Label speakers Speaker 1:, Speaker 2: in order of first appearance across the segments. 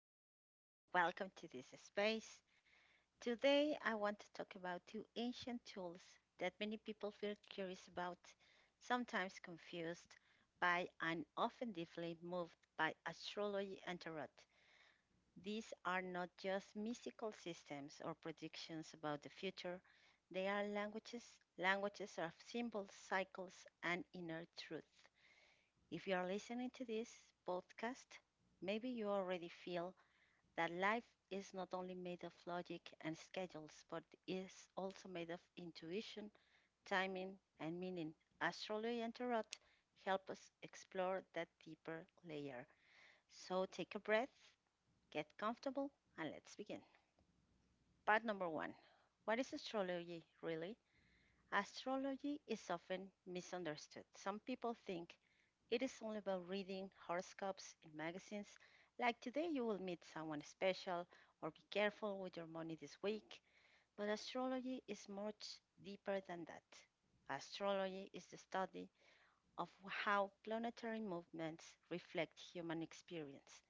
Speaker 1: everyone, and welcome to this space. Today, I want to talk about two ancient tools that many people feel curious about, sometimes confused by, and often deeply moved by astrology and tarot. These are not just mystical systems or predictions about the future, they are languages, languages of symbols, cycles, and inner truth. If you are listening to this podcast, maybe you already feel that life is not only made of logic and schedules, but is also made of intuition, timing, and meaning. Astrology and Tarot help us explore that deeper layer. So take a breath, get comfortable, and let's begin. Part number one. What is astrology really? Astrology is often misunderstood. Some people think it is all about reading horoscopes in magazines, like today you will meet someone special or be careful with your money this week. But astrology is much deeper than that. Astrology is the study of how planetary movements reflect human experience.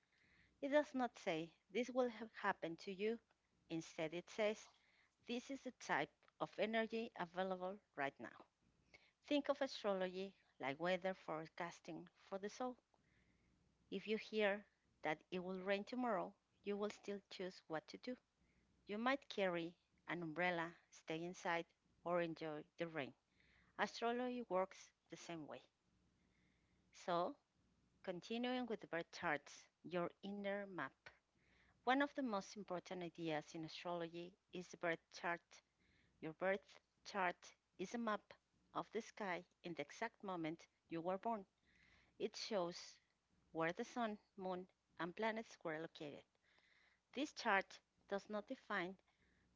Speaker 1: It does not say this will happen to you. Instead, it says this is the type of energy available right now. Think of astrology like weather forecasting for the soul. If you hear that it will rain tomorrow, you will still choose what to do. You might carry an umbrella, stay inside, or enjoy the rain. Astrology works the same way. So, continuing with the birth charts, your inner map. One of the most important ideas in astrology is the birth chart. Your birth chart is a map of the sky in the exact moment you were born. It shows where the sun, moon, and planets were located. This chart does not define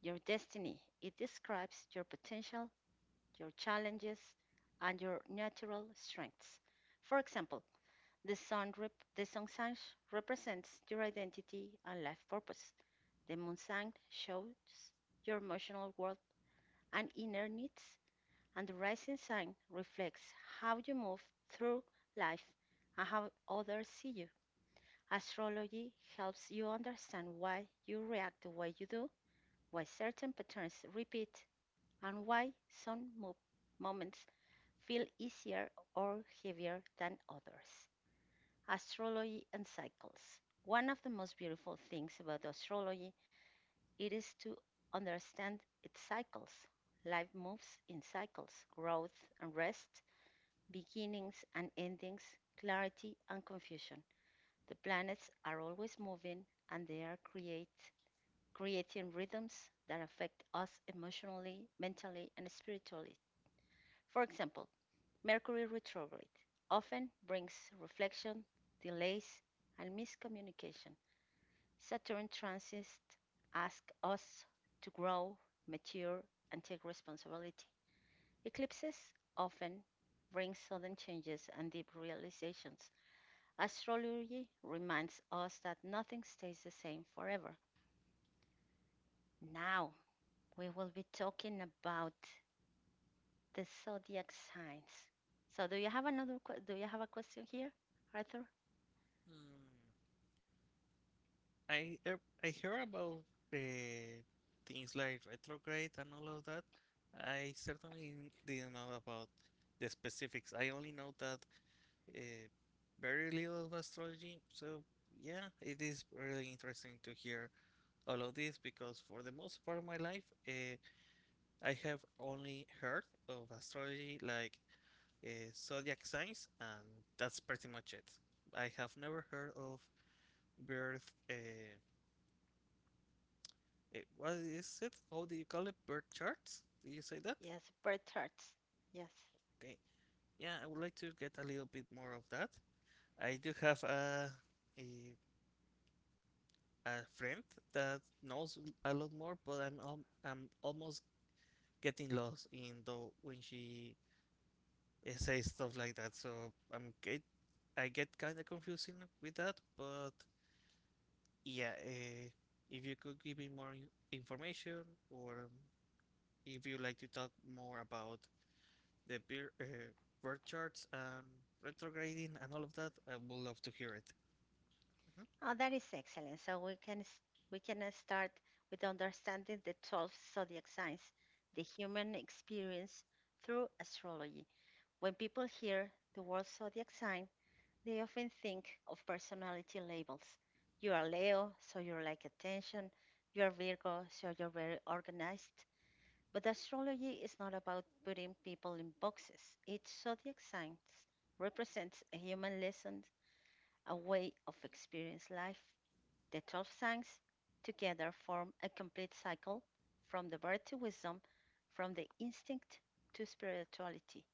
Speaker 1: your destiny, it describes your potential, your challenges, and your natural strengths. For example, the sun sign represents your identity and life purpose. The moon sign shows your emotional world and inner needs, and the rising sign reflects how you move through life and how others see you. Astrology helps you understand why you react the way you do, why certain patterns repeat, and why moments feel easier or heavier than others. Astrology and cycles. One of the most beautiful things about astrology it is to understand its cycles. Life moves in cycles, growth and rest, beginnings and endings, clarity and confusion. The planets are always moving and they are create creating rhythms that affect us emotionally, mentally, and spiritually. For example, Mercury retrograde often brings reflection, delays, and miscommunication. Saturn transits ask us to grow, mature, and take responsibility. Eclipses often bring sudden changes and deep realizations. Astrology reminds us that nothing stays the same forever. Now, we will be talking about the zodiac signs. So do you have a question here, Arthur?
Speaker 2: Mm, I, uh, I hear about uh, things like retrograde and all of that. I certainly didn't know about the specifics. I only know that uh, very little of astrology. So, yeah, it is really interesting to hear all of this because for the most part of my life, I have only heard of astrology like zodiac signs, and that's pretty much it. I have never heard of birth what is it? How do you call it? Birth charts? Do you say that?
Speaker 1: Yes, birth charts. Yes.
Speaker 2: Okay. Yeah, I would like to get a little bit more of that. I do have a, a friend that knows a lot more, but I'm almost getting lost in the when she says stuff like that. So I get kind of confusing with that. But yeah, if you could give me more information, or if you like to talk more about the beer, uh, birth charts and retrograding and all of that. I would love to hear it. Mhm.
Speaker 1: Oh, that is excellent. So we can start with understanding the 12 zodiac signs, the human experience through astrology. When people hear the word zodiac sign, they often think of personality labels. You are Leo, so you're like attention. You are Virgo, so you're very organized. But astrology is not about putting people in boxes. Each zodiac sign represents a human lesson, a way of experiencing life. The 12 signs together form a complete cycle from the birth to wisdom, from the instinct to spirituality.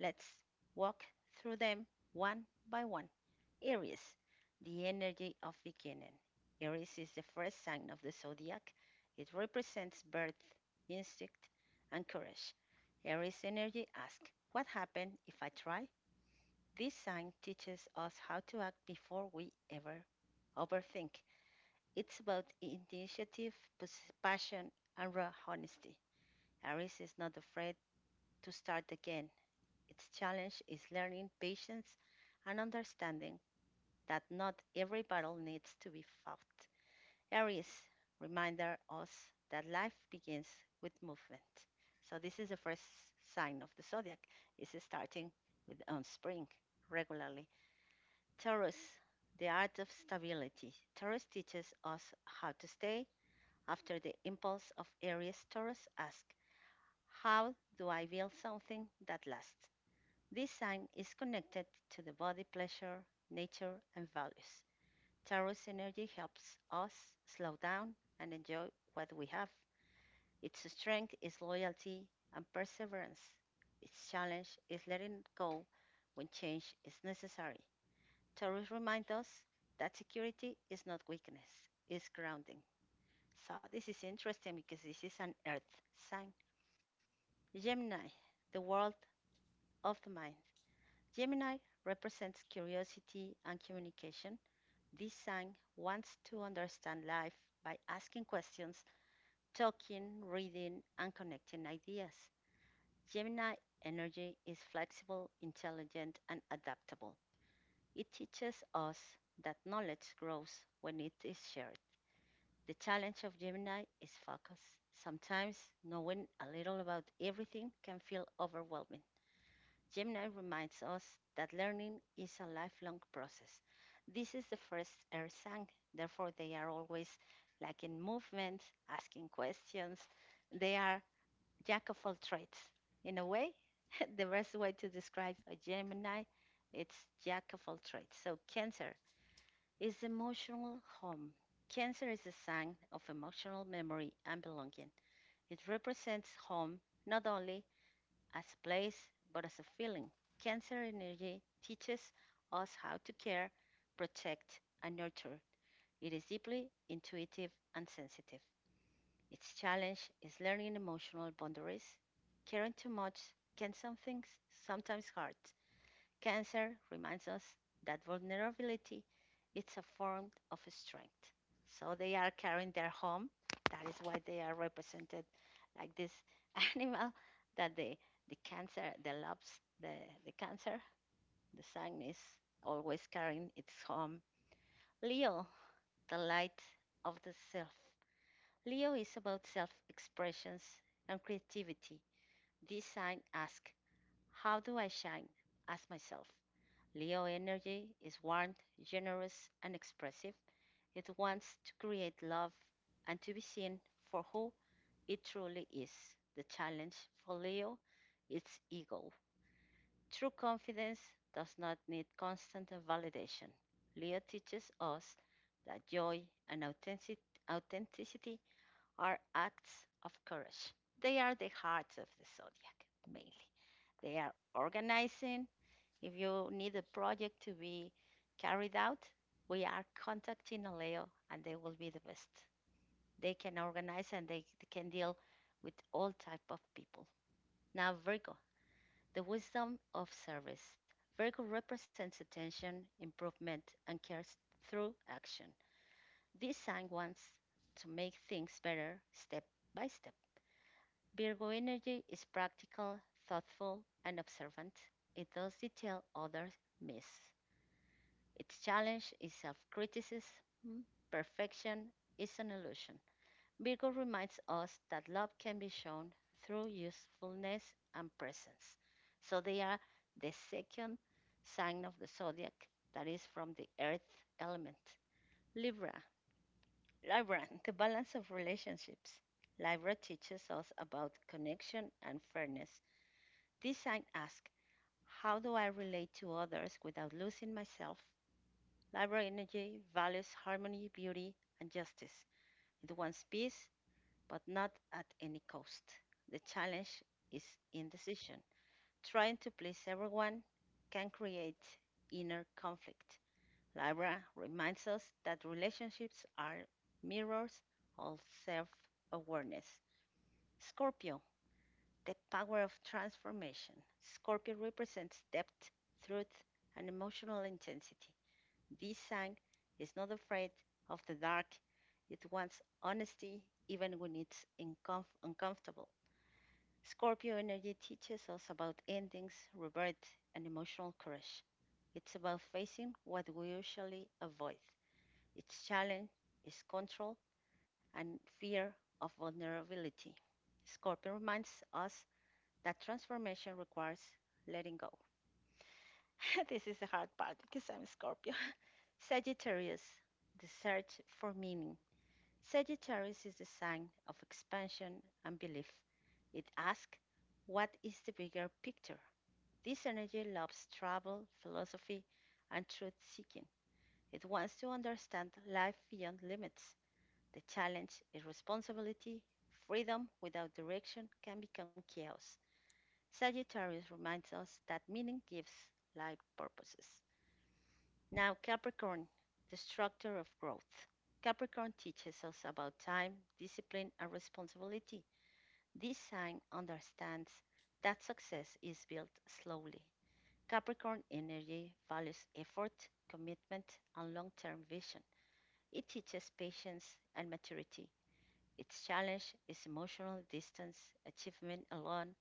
Speaker 1: Let's walk through them one by one. Aries, the energy of beginning. Aries is the first sign of the zodiac. It represents birth, instinct, and courage. Aries energy asks, what happens if I try? This sign teaches us how to act before we ever overthink. It's about initiative, passion, and raw honesty. Aries is not afraid to start again. Its challenge is learning patience and understanding that not every battle needs to be fought. Aries reminder us that life begins with movement. So this is the first sign of the zodiac. It's starting with on spring regularly. Taurus, the art of stability. Taurus teaches us how to stay after the impulse of Aries. Taurus asks, "How do I build something that lasts?" This sign is connected to the body pleasure, nature, and values. Tarot energy helps us slow down and enjoy what we have. Its strength is loyalty and perseverance. Its challenge is letting go when change is necessary. Tarot reminds us that security is not weakness, it's grounding. So this is interesting because this is an earth sign. Gemini, the world of the mind. Gemini represents curiosity and communication. This sign wants to understand life by asking questions, talking, reading, and connecting ideas. Gemini energy is flexible, intelligent, and adaptable. It teaches us that knowledge grows when it is shared. The challenge of Gemini is focus. Sometimes knowing a little about everything can feel overwhelming. Gemini reminds us that learning is a lifelong process. This is the first air sign, therefore, they are always like in movement, asking questions. They are jack of all trades. In a way, the best way to describe a Gemini it's jack of all trades. So, Cancer is the emotional home. Cancer is a sign of emotional memory and belonging. It represents home not only as a place but as a feeling. Cancer energy teaches us how to care, protect, and nurture. It is deeply intuitive and sensitive. Its challenge is learning emotional boundaries. Caring too much can sometimes hurt. Cancer reminds us that vulnerability it's a form of strength. So they are carrying their home. That is why they are represented like this animal that the cancer, the loves the, the cancer, the sign is always carrying its home. Leo, the light of the self. Leo is about self expressions and creativity. This sign asks, how do I shine as myself? Leo energy is warm, generous, and expressive. It wants to create love and to be seen for who it truly is. The challenge for Leo is ego. True confidence does not need constant validation. Leo teaches us that joy and authenticity are acts of courage. They are the hearts of the zodiac, mainly. They are organizing, if you need a project to be carried out, we are contacting Aleo and they will be the best. They can organize and they can deal with all type of people. Now Virgo, the wisdom of service. Virgo represents attention, improvement, and cares through action. This sign wants to make things better step by step. Virgo energy is practical, thoughtful, and observant. It does detail others miss. Its challenge is self criticism. Perfection is an illusion. Virgo reminds us that love can be shown through usefulness and presence. So they are the second sign of the zodiac that is from the earth element. Libra. Libra, the balance of relationships. Libra teaches us about connection and fairness. This sign asks, how do I relate to others without losing myself? Libra energy values harmony, beauty, and justice. It wants peace, but not at any cost. The challenge is indecision. Trying to please everyone can create inner conflict. Libra reminds us that relationships are mirrors of self awareness. Scorpio, the power of transformation. Scorpio represents depth, truth, and emotional intensity. This song is not afraid of the dark. It wants honesty even when uncomfortable. Scorpio energy teaches us about endings, rebirth, and emotional courage. It's about facing what we usually avoid. Its challenge is control and fear of vulnerability. Scorpio reminds us that transformation requires letting go. This is the hard part because I'm Scorpio. Sagittarius, the search for meaning. Sagittarius is the sign of expansion and belief. It asks, what is the bigger picture? This energy loves travel, philosophy, and truth seeking. It wants to understand life beyond limits. The challenge is responsibility. Freedom without direction can become chaos. Sagittarius reminds us that meaning gives life purposes. Now, Capricorn, the structure of growth. Capricorn teaches us about time, discipline, and responsibility. This sign understands that success is built slowly. Capricorn energy values effort, commitment, and long term vision. It teaches patience and maturity. Its challenge is emotional distance, achievement alone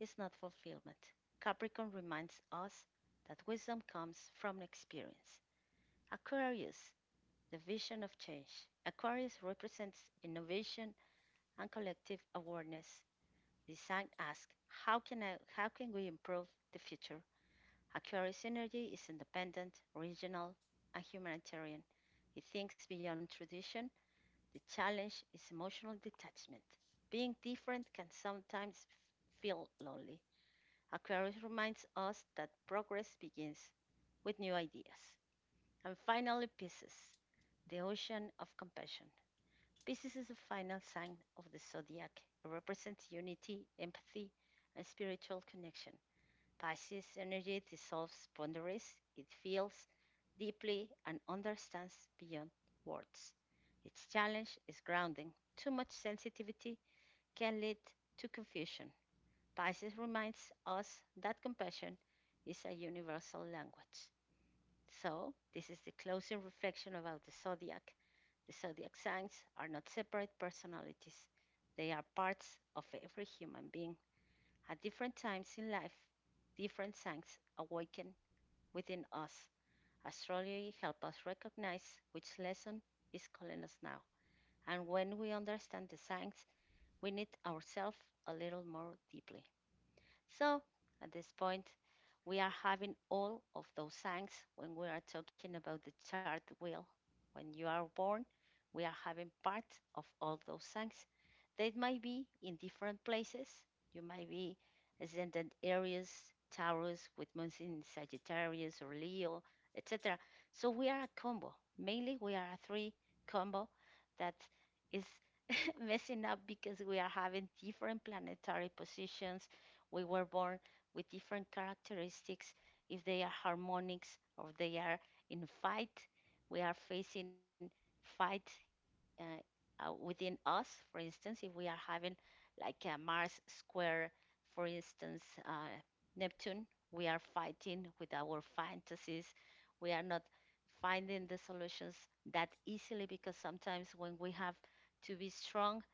Speaker 1: is not fulfillment. Capricorn reminds us that wisdom comes from experience. Aquarius the vision of change. Aquarius represents innovation and collective awareness. The sign asks, how can we improve the future? Aquarius energy is independent, regional, and humanitarian. It thinks beyond tradition. The challenge is emotional detachment. Being different can sometimes feel lonely. Aquarius reminds us that progress begins with new ideas. And finally, Pisces, the ocean of compassion. Pisces is the final sign of the zodiac. It represents unity, empathy, and spiritual connection. Pisces energy dissolves boundaries, it feels deeply and understands beyond words. Its challenge is grounding. Too much sensitivity can lead to confusion. Pisces reminds us that compassion is a universal language. So, this is the closing reflection about the zodiac. The zodiac signs are not separate personalities, they are parts of every human being. At different times in life, different signs awaken within us. Astrology helps us recognize which lesson is calling us now. And when we understand the signs, we need ourselves a little more deeply. So at this point, we are having all of those signs when we are talking about the chart wheel. When you are born, we are having part of all those signs. They might be in different places. You might be ascendant Aries, Taurus, with moons in Sagittarius or Leo, etc. So we are a combo. Mainly, we are a three combo that is messing up because we are having different planetary positions, we were born with different characteristics. If they are harmonics or they are in fight, we are facing fight, uh, within us. For instance, if we are having like a Mars square, for instance, Neptune, we are fighting with our fantasies. We are not finding the solutions that easily, because sometimes when we have to be strong,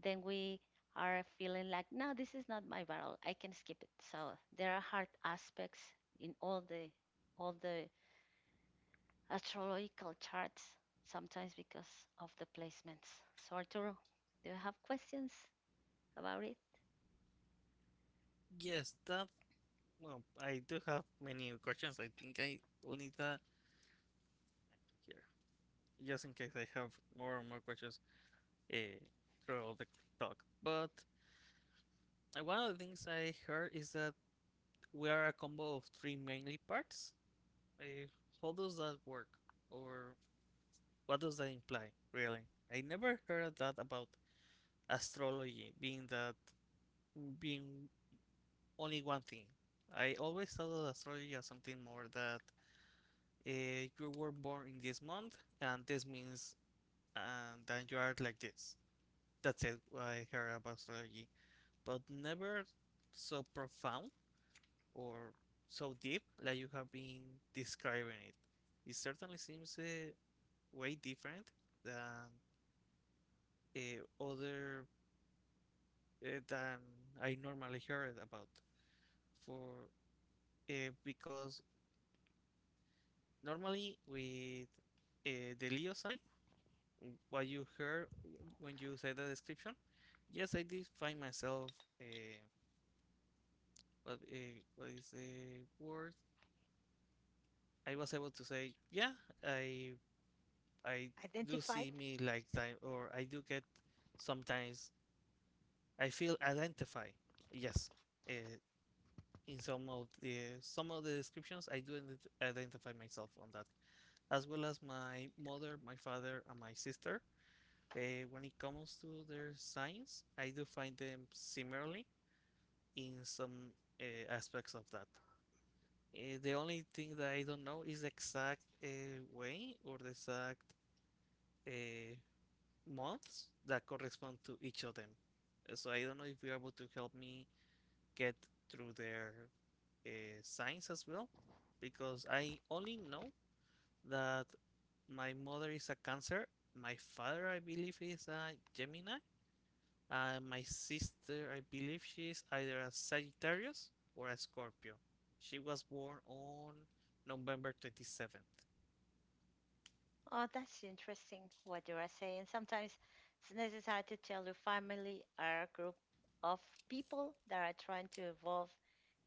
Speaker 1: then we are feeling like, no, this is not my battle, I can skip it. So there are hard aspects in all the astrological charts sometimes because of the placements. So, Arturo, do you have questions about it?
Speaker 2: Yes, that. Well, I do have many questions. I think I will need that here, just in case I have more and more questions uh, throughout the talk. But one of the things I heard is that we are a combo of three mainly parts. Uh, how does that work, or what does that imply, really? I never heard that about astrology being that being only one thing. I always thought of astrology as something more that you were born in this month, and this means and that you are like this. That's it. I heard about astrology, but never so profound or so deep like you have been describing it. It certainly seems way different than other than I normally heard about. For because normally, with the Leo sign, what you heard when you say the description, yes, I did find myself. Uh, what, uh, what is the word? I was able to say, yeah, I I do
Speaker 1: Identified.
Speaker 2: see me like time, or I do get sometimes. I feel identify. Yes, uh, in some of the descriptions, I do identify myself on that, as well as my mother, my father, and my sister. When it comes to their science, I do find them similarly in some aspects of that. The only thing that I don't know is the exact way or the exact uh, months that correspond to each of them. So I don't know if you're able to help me get through their science as well, because I only know that my mother is a Cancer, my father, I believe, is a Gemini, my sister, I believe she is either a Sagittarius or a Scorpio. She was born on November 27th.
Speaker 1: Oh, that's interesting what you are saying. Sometimes it's necessary to tell your family or a group of people that are trying to evolve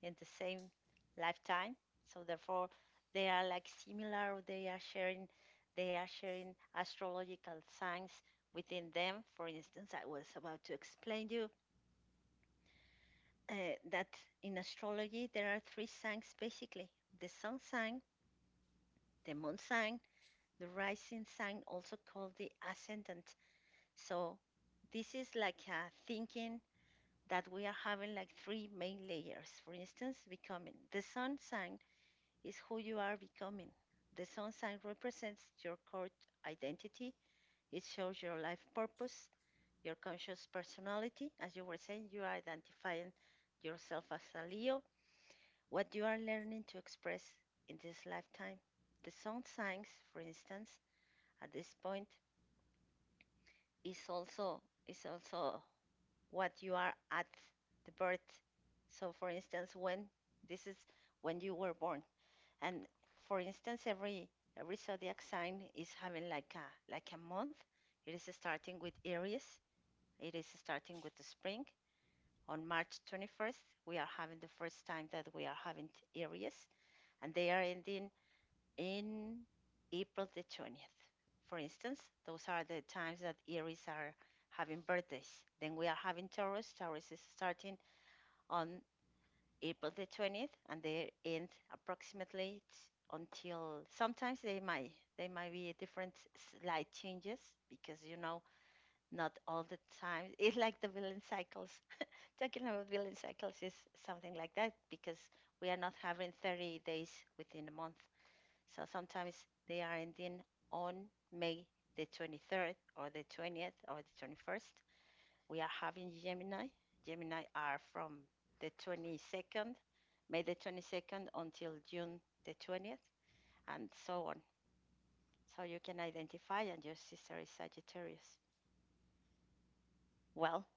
Speaker 1: in the same lifetime, so therefore they are like similar, they are sharing astrological signs within them. For instance, I was about to explain to you, that in astrology there are three signs basically: the sun sign, the moon sign, the rising sign, also called the ascendant. So this is like a thinking that we are having like three main layers. For instance, becoming the sun sign is who you are becoming. The sun sign represents your core identity, it shows your life purpose, your conscious personality. As you were saying, you are identifying yourself as a Leo, what you are learning to express in this lifetime. The sun signs, for instance, at this point, is also what you are at the birth. So, for instance, when this is, when you were born. And for instance, every zodiac sign is having like a month. It is starting with Aries. It is starting with the spring. On March 21st, we are having the first time that we are having Aries, and they are ending in April the 20th. For instance, those are the times that Aries are having birthdays. Then we are having Taurus. Taurus is starting on April the 20th, and they end approximately until, sometimes they might, be different, slight changes, because, you know, not all the time. It's like the villain cycles. Talking about villain cycles is something like that, because we are not having 30 days within a month, so sometimes they are ending on May the 23rd or the 20th or the 21st. We are having Gemini. Gemini are from the 22nd, May the 22nd, until June the 20th, and so on. So you can identify, and your sister is Sagittarius. Well,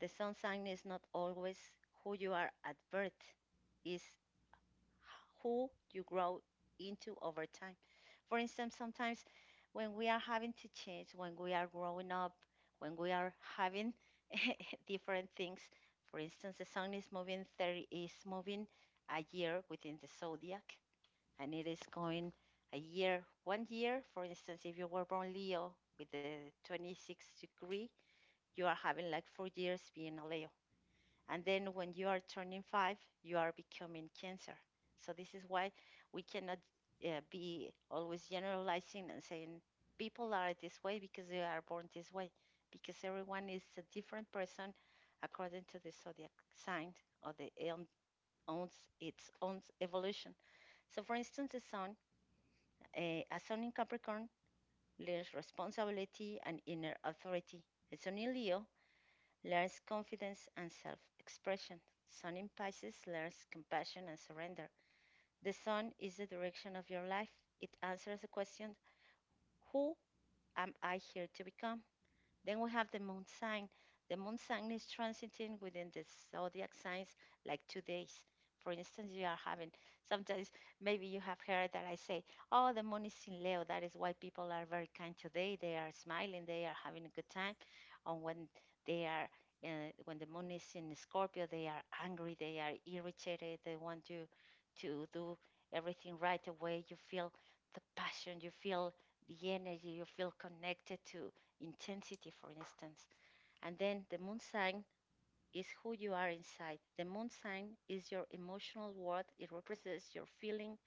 Speaker 1: the sun sign is not always who you are at birth, is who you grow into over time. For instance, sometimes when we are having to change, when we are growing up, when we are having different things. For instance, the sun is moving a year within the zodiac, and it is going a year, one year. For instance, if you were born Leo with the 26th degree, you are having like 4 years being a Leo. And then when you are turning five, you are becoming Cancer. So this is why we cannot, be always generalizing and saying people are this way because they are born this way, because everyone is a different person according to the zodiac sign, or own, its own evolution. So, for instance, the sun, uh, a sun in Capricorn learns responsibility and inner authority. A sun in Leo learns confidence and self expression. Sun in Pisces learns compassion and surrender. The sun is the direction of your life. It answers the question: who am I here to become? Then we have the moon sign. The moon sign is transiting within the zodiac signs like 2 days. For instance, you are having sometimes, maybe you have heard that I say, oh, the moon is in Leo. That is why people are very kind today. They are smiling, they are having a good time. And when they are when the moon is in Scorpio, they are angry, they are irritated, they want to do everything right away. You feel the passion, you feel the energy, you feel connected to intensity, for instance. And then the moon sign is who you are inside. The moon sign is your emotional world, it represents your feeling,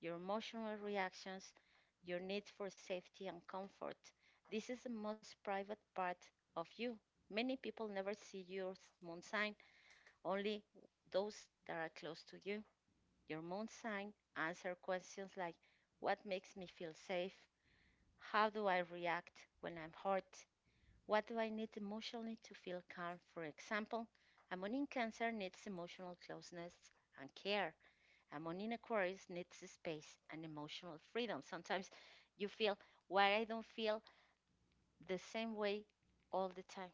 Speaker 1: your emotional reactions, your need for safety and comfort. This is the most private part of you. Many people never see your moon sign, only those that are close to you. Your moon sign answers questions like: what makes me feel safe? How do I react when I'm hurt? What do I need emotionally to feel calm? For example, a moon in Cancer needs emotional closeness and care. A moon in Aquarius needs space and emotional freedom. Sometimes you feel, why I don't feel the same way all the time?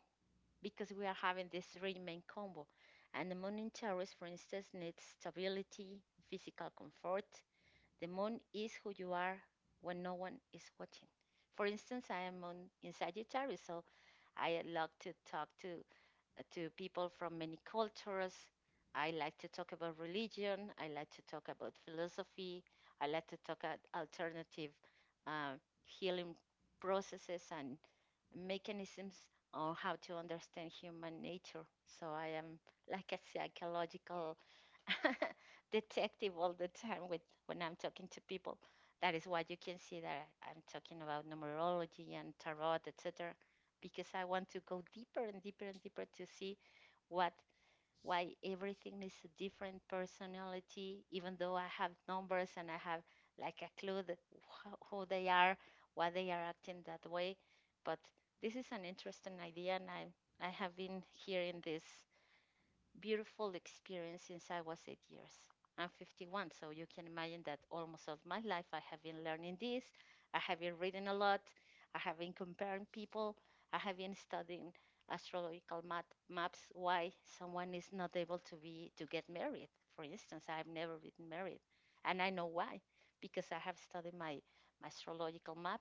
Speaker 1: Because we are having this three main combo. And the moon in Taurus, for instance, needs stability, physical comfort. The moon is who you are when no one is watching. For instance, I am on, in Sagittarius, so I love to talk to people from many cultures. I like to talk about religion. I like to talk about philosophy. I like to talk about alternative, uh, healing processes and mechanisms on how to understand human nature. So I am like a psychological detective all the time with, when I'm talking to people. That is why you can see that I'm talking about numerology and tarot, etc. Because I want to go deeper and deeper and deeper to see what, why everything is a different personality, even though I have numbers and I have like a clue that who they are, why they are acting that way. But this is an interesting idea, and I have been hearing this beautiful experience since I was 8 years. I'm 51, so you can imagine that almost all my life I have been learning this. I have been reading a lot. I have been comparing people. I have been studying astrological map, maps, why someone is not able to be to get married. For instance, I have never been married, and I know why, because I have studied my astrological map.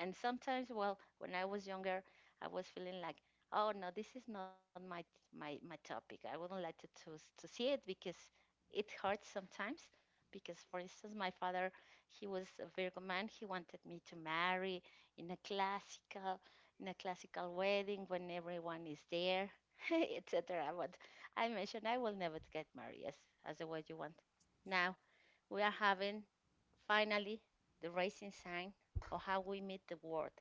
Speaker 1: And sometimes, well, when I was younger, I was feeling like, oh no, this is not my topic, I wouldn't like to see it, because it hurts sometimes, because, for instance, my father, he was a Virgo man, he wanted me to marry in a classical in a classical wedding when everyone is there, etc. But I mentioned I will never get married as the way you want. Now we are having, finally, the rising sign of how we meet the world.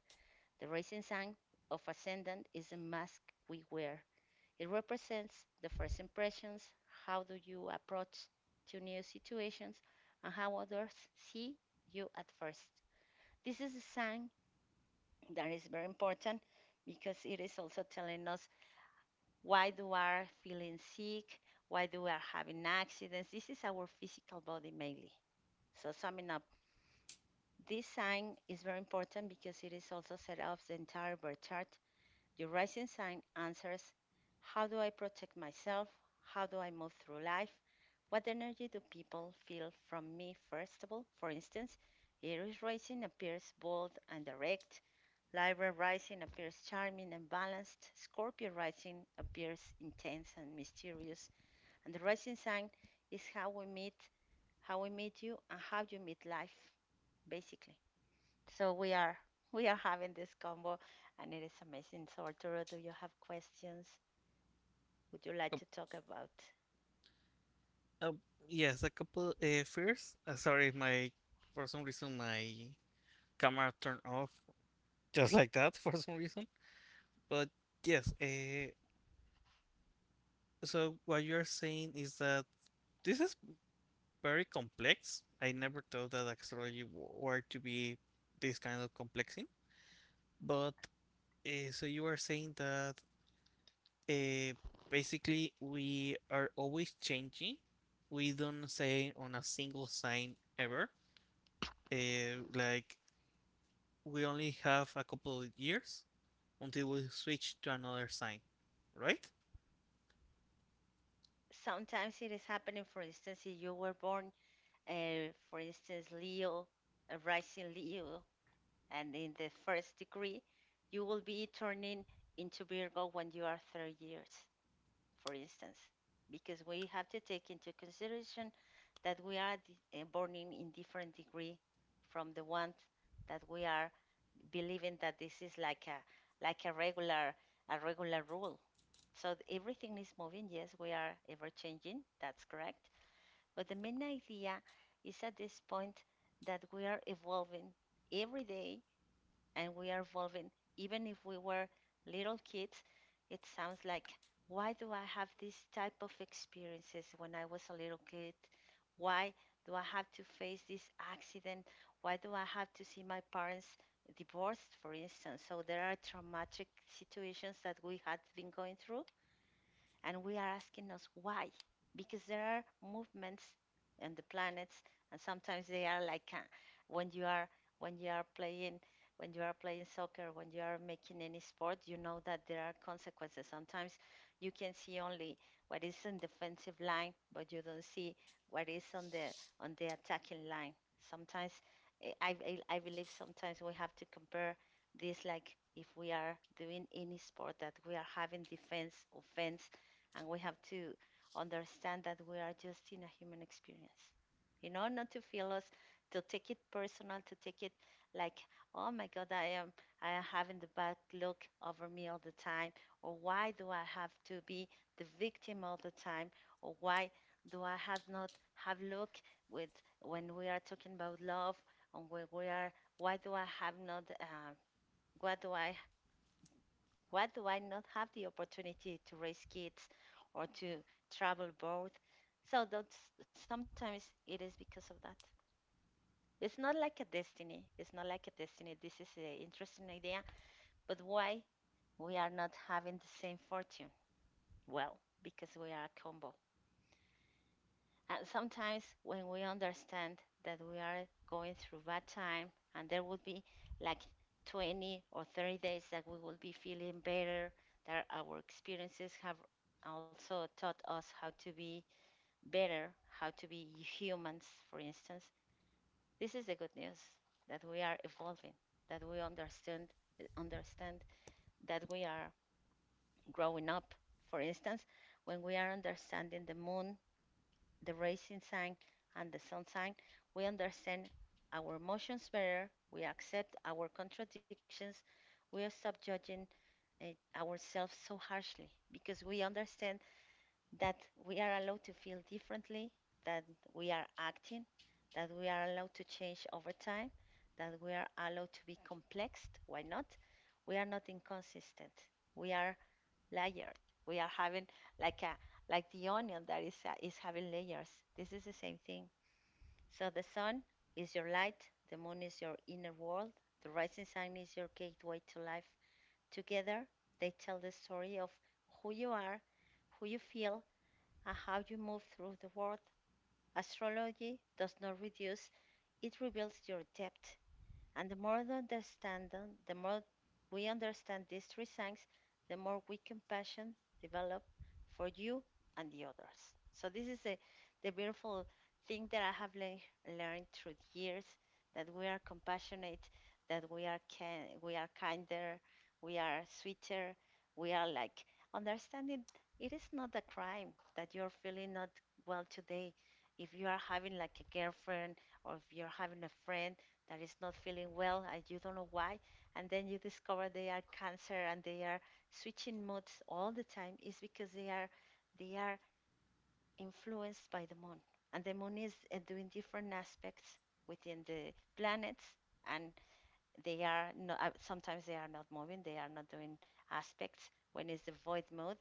Speaker 1: The rising sign of ascendant is the mask we wear. It represents the first impressions, how do you approach to new situations, and how others see you at first. This is a sign that is very important, because it is also telling us why do are feeling sick, why do we are having accidents. This is our physical body mainly. So, summing up, this sign is very important because it is also set up the entire bar chart. Your rising sign answers: how do I protect myself? How do I move through life? What energy do people feel from me, first of all? For instance, Aries rising appears bold and direct, Libra rising appears charming and balanced, Scorpio rising appears intense and mysterious, and the rising sign is how we meet you, and how you meet life, basically. So we are having this combo, and it is amazing. So, Arturo, do you have questions? Would you like to talk about? Sometimes it is happening. For instance, if you were born, for instance, Leo, a rising Leo, and in the first degree, you will be turning into Virgo when you are 30 years, for instance, because we have to take into consideration that we are born in, different degree from the one that we are believing, that this is like a regular rule. So everything is moving. Yes, we are ever changing. That's correct. But the main idea is, at this point, that we are evolving every day, and we are evolving. Even if we were little kids, it sounds like, why do I have this type of experiences when I was a little kid? Why do I have to face this accident? Why do I have to see my parents divorced, for instance? So there are traumatic situations that we had been going through, and we are asking us why, because there are movements and the planets, and sometimes they are like when you are when you are playing when you are playing soccer. When you are making any sport, you know that there are consequences. Sometimes you can see only what is in defensive line, but you don't see what is on the attacking line sometimes. I believe sometimes we have to compare this like if we are doing any sport, that we are having defense, offense, and we have to understand that we are just in a human experience, you know, not to feel us, to take it personal, to take it like, oh my God, I am having the bad luck over me all the time, or why do I have to be the victim all the time, or why do I have not have luck with, when we are talking about love. And when we are, why do I have not what do I, why do I not have the opportunity to raise kids or to travel both? So that's, sometimes it is because of that. It's not like a destiny. It's not like a destiny. This is an interesting idea. But why we are not having the same fortune? Well, because we are a combo. And sometimes when we understand that we are going through bad time, and there will be like 20 or 30 days that we will be feeling better, that our experiences have also taught us how to be better, how to be humans, for instance. This is the good news, that we are evolving, that we understand understand that we are growing up. For instance, when we are understanding the moon, the rising sign, and the sun sign, we understand our emotions better, we accept our contradictions, we stop judging uh, ourselves so harshly, because we understand that we are allowed to feel differently, that we are acting, that we are allowed to change over time, that we are allowed to be complexed. Why not? We are not inconsistent. We are layer. We are having like a, like the onion that is having layers. This is the same thing. So the sun is your light, the moon is your inner world, the rising sun is your gateway to life. Together, they tell the story of who you are, who you feel, and how you move through the world. Astrology does not reduce, it reveals your depth. And the more the understand them, the more we understand these three signs, the more we compassion develop for you and the others. So this is a, the beautiful thing that I have learned through the years, that we are compassionate, that we are can, we are kinder, we are sweeter, we are like understanding it is not a crime that you're feeling not well today. If you are having like a girlfriend, or if you're having a friend that is not feeling well and you don't know why, and then you discover they are cancer, and they are switching moods all the time, is because they are they are influenced by the moon. And the moon is doing different aspects within the planets, and they are not sometimes they are not moving, they are not doing aspects when it's the void mode.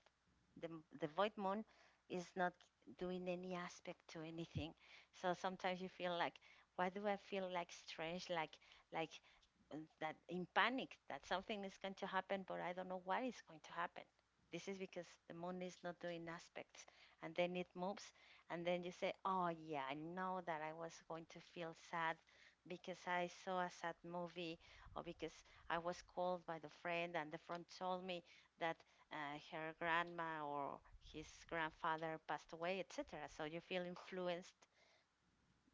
Speaker 1: the, the void moon is not doing any aspect to anything. So sometimes you feel like, why do I feel like strange, like like that in panic, that something is going to happen, but I don't know what is going to happen. This is because the moon is not doing aspects, and then it moves, and then you say, oh yeah, I know that I was going to feel sad because I saw a sad movie, or because I was called by the friend and the friend told me that her grandma or his grandfather passed away, etc. So you feel influenced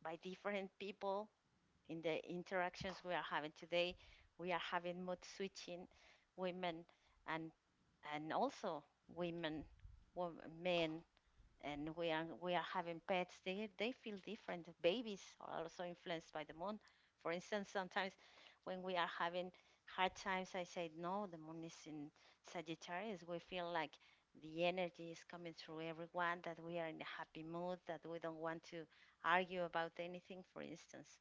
Speaker 1: by different people in the interactions we are having today. We are having mood switching, women and also women, wo- men, and we are having pets, they feel different, babies are also influenced by the moon. For instance, sometimes when we are having hard times, I say, no, the moon is in Sagittarius, we feel like the energy is coming through everyone, that we are in a happy mood, that we don't want to argue about anything, for instance.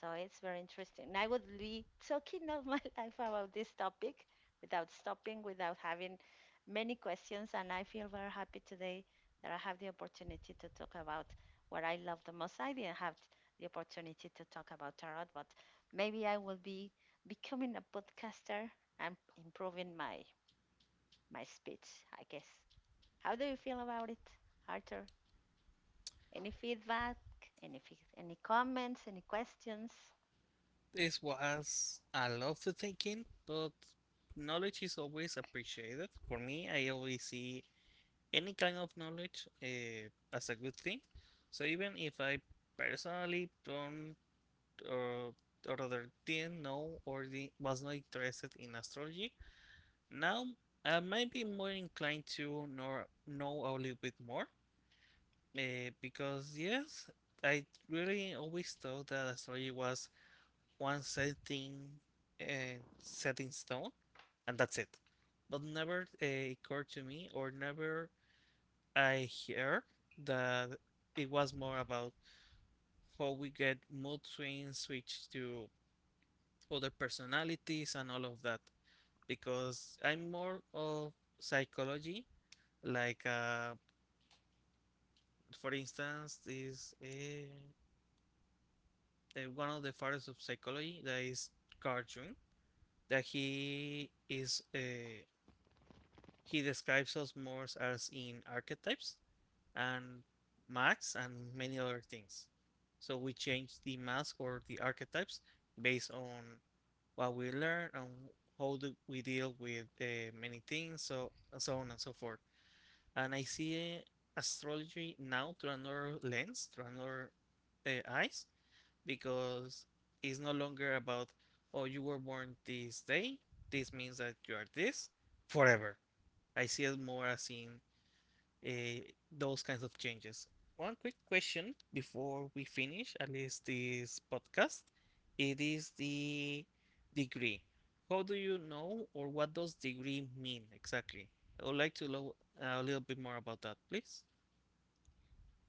Speaker 1: So it's very interesting. And I would be talking all my life about this topic without stopping, without having many questions. And I feel very happy today that I have the opportunity to talk about what I love the most. I didn't have the opportunity to talk about tarot, but maybe I will be becoming a podcaster and improving my speech, I guess. How do you feel about it, Arthur? Any feedback? Any any comments? Any questions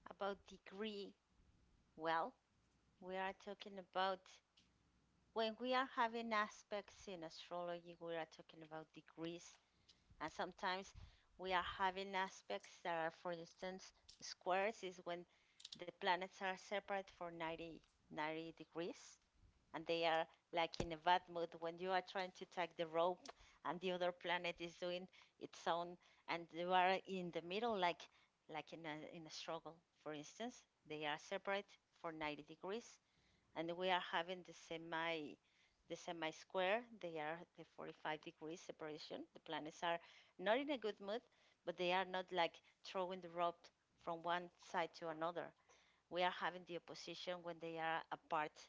Speaker 1: about degree? Well, we are talking about, when we are having aspects in astrology, we are talking about degrees, and sometimes we are having aspects that are, for instance, squares is when the planets are separate for 90 degrees, and they are like in a bad mood when you are trying to take the rope and the other planet is doing its own, and you are in the middle, like in a struggle, for instance. They are separate for 90 degrees, and we are having the semi, square, they are the 45 degrees separation. The planets are not in a good mood, but they are not like throwing the rope from one side to another. We are having the opposition when they are apart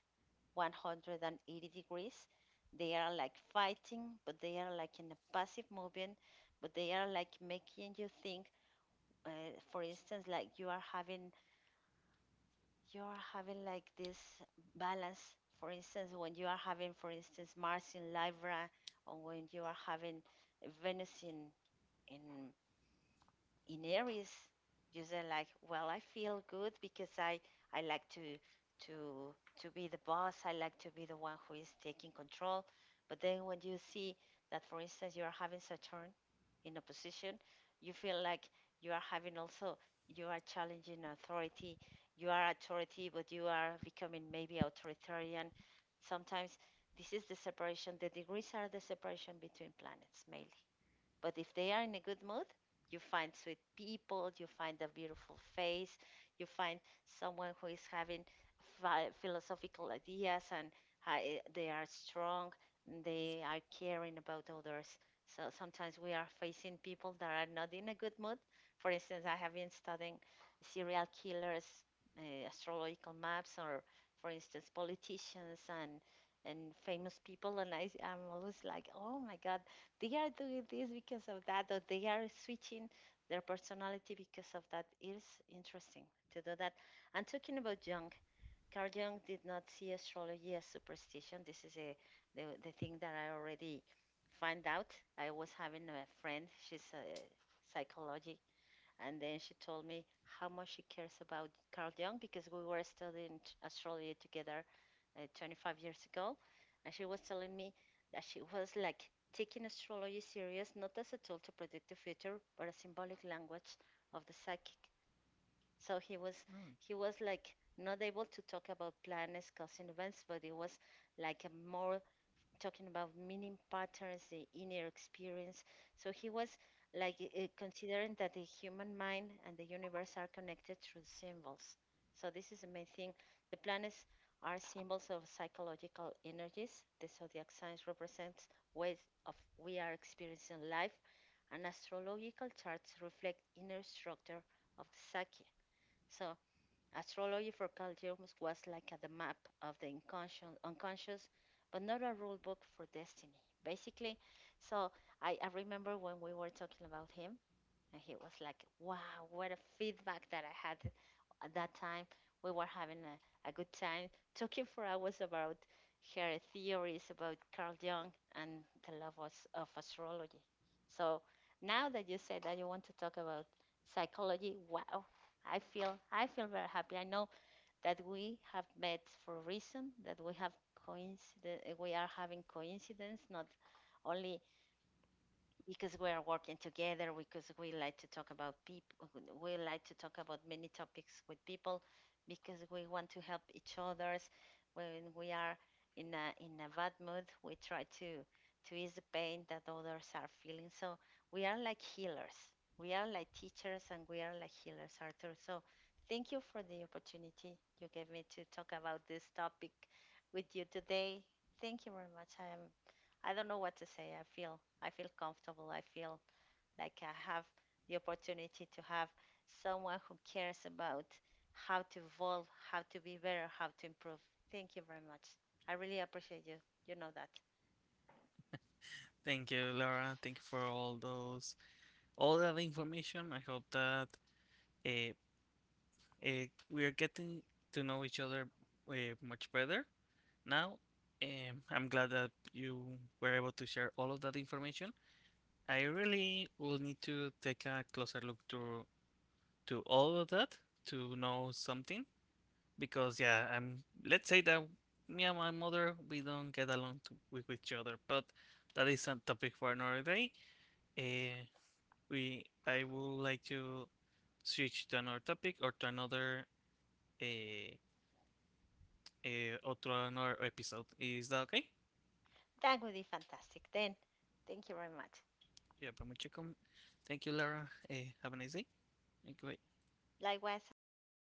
Speaker 1: 180 degrees. They are like fighting, but they are like in a passive movement, but they are like making you think, uh, for instance, like you are having, you're having like this balance, for instance, when you are having, for instance, Mars in Libra, or when you are having Venus in in in Aries, you say like, well, I feel good because I like to to to be the boss. I like to be the one who is taking control. But then when you see that, for instance, you are having Saturn in opposition, you feel like you are having also, you are challenging authority. You are authority, but you are becoming maybe authoritarian. Sometimes this is the separation. The degrees are the separation between planets mainly. But if they are in a good mood, you find sweet people, you find a beautiful face, you find someone who is having philosophical ideas, and they are strong, they are caring about others. So sometimes we are facing people that are not in a good mood. For instance, I have been studying serial killers, astrological maps, or for instance, politicians and famous people, and I'm always like, oh my God, they are doing this because of that, or they are switching their personality because of that. It is interesting to do that. And talking about Jung, Carl Jung did not see astrology as superstition. This is a, the thing that I already find out. I was having a friend, she's a psychology, and then she told me how much she cares about Carl Jung, because we were studying astrology together 25 years ago. And she was telling me that she was like taking astrology serious, not as a tool to predict the future, but a symbolic language of the psychic. So he was, he was like not able to talk about planets causing events, but it was like a more talking about meaning patterns, the inner experience. So he was like considering that the human mind and the universe are connected through symbols. So this is the main thing. The planets are symbols of psychological energies. The zodiac signs represents ways of we are experiencing life, and astrological charts reflect inner structure of the psyche. So astrology for Carl Jung was like a, the map of the unconscious, but not a rule book for destiny, basically. So I remember when we were talking about him, and he was like, wow, what a feedback that I had at that time. We were having a good time talking for hours about her theories about Carl Jung and the love of astrology. So now that you said that you want to talk about psychology, wow, I feel very happy. I know that we have met for a reason, that we have coincidence, we are having coincidence, not only because we are working together, because we like to talk about people, we like to talk about many topics with people, because we want to help each others. When we are in a, in a bad mood, we try to ease the pain that others are feeling. So we are like healers, we are like teachers, and we are like healers, Arthur. So thank you for the opportunity you gave me to talk about this topic with you today. Thank you very much. I don't know what to say. I feel comfortable. I feel like I have the opportunity to have someone who cares about how to evolve, how to be better, how to improve. Thank you very much. I really appreciate you. You know that. That would be fantastic. Then, thank you very much. Likewise, have a nice day.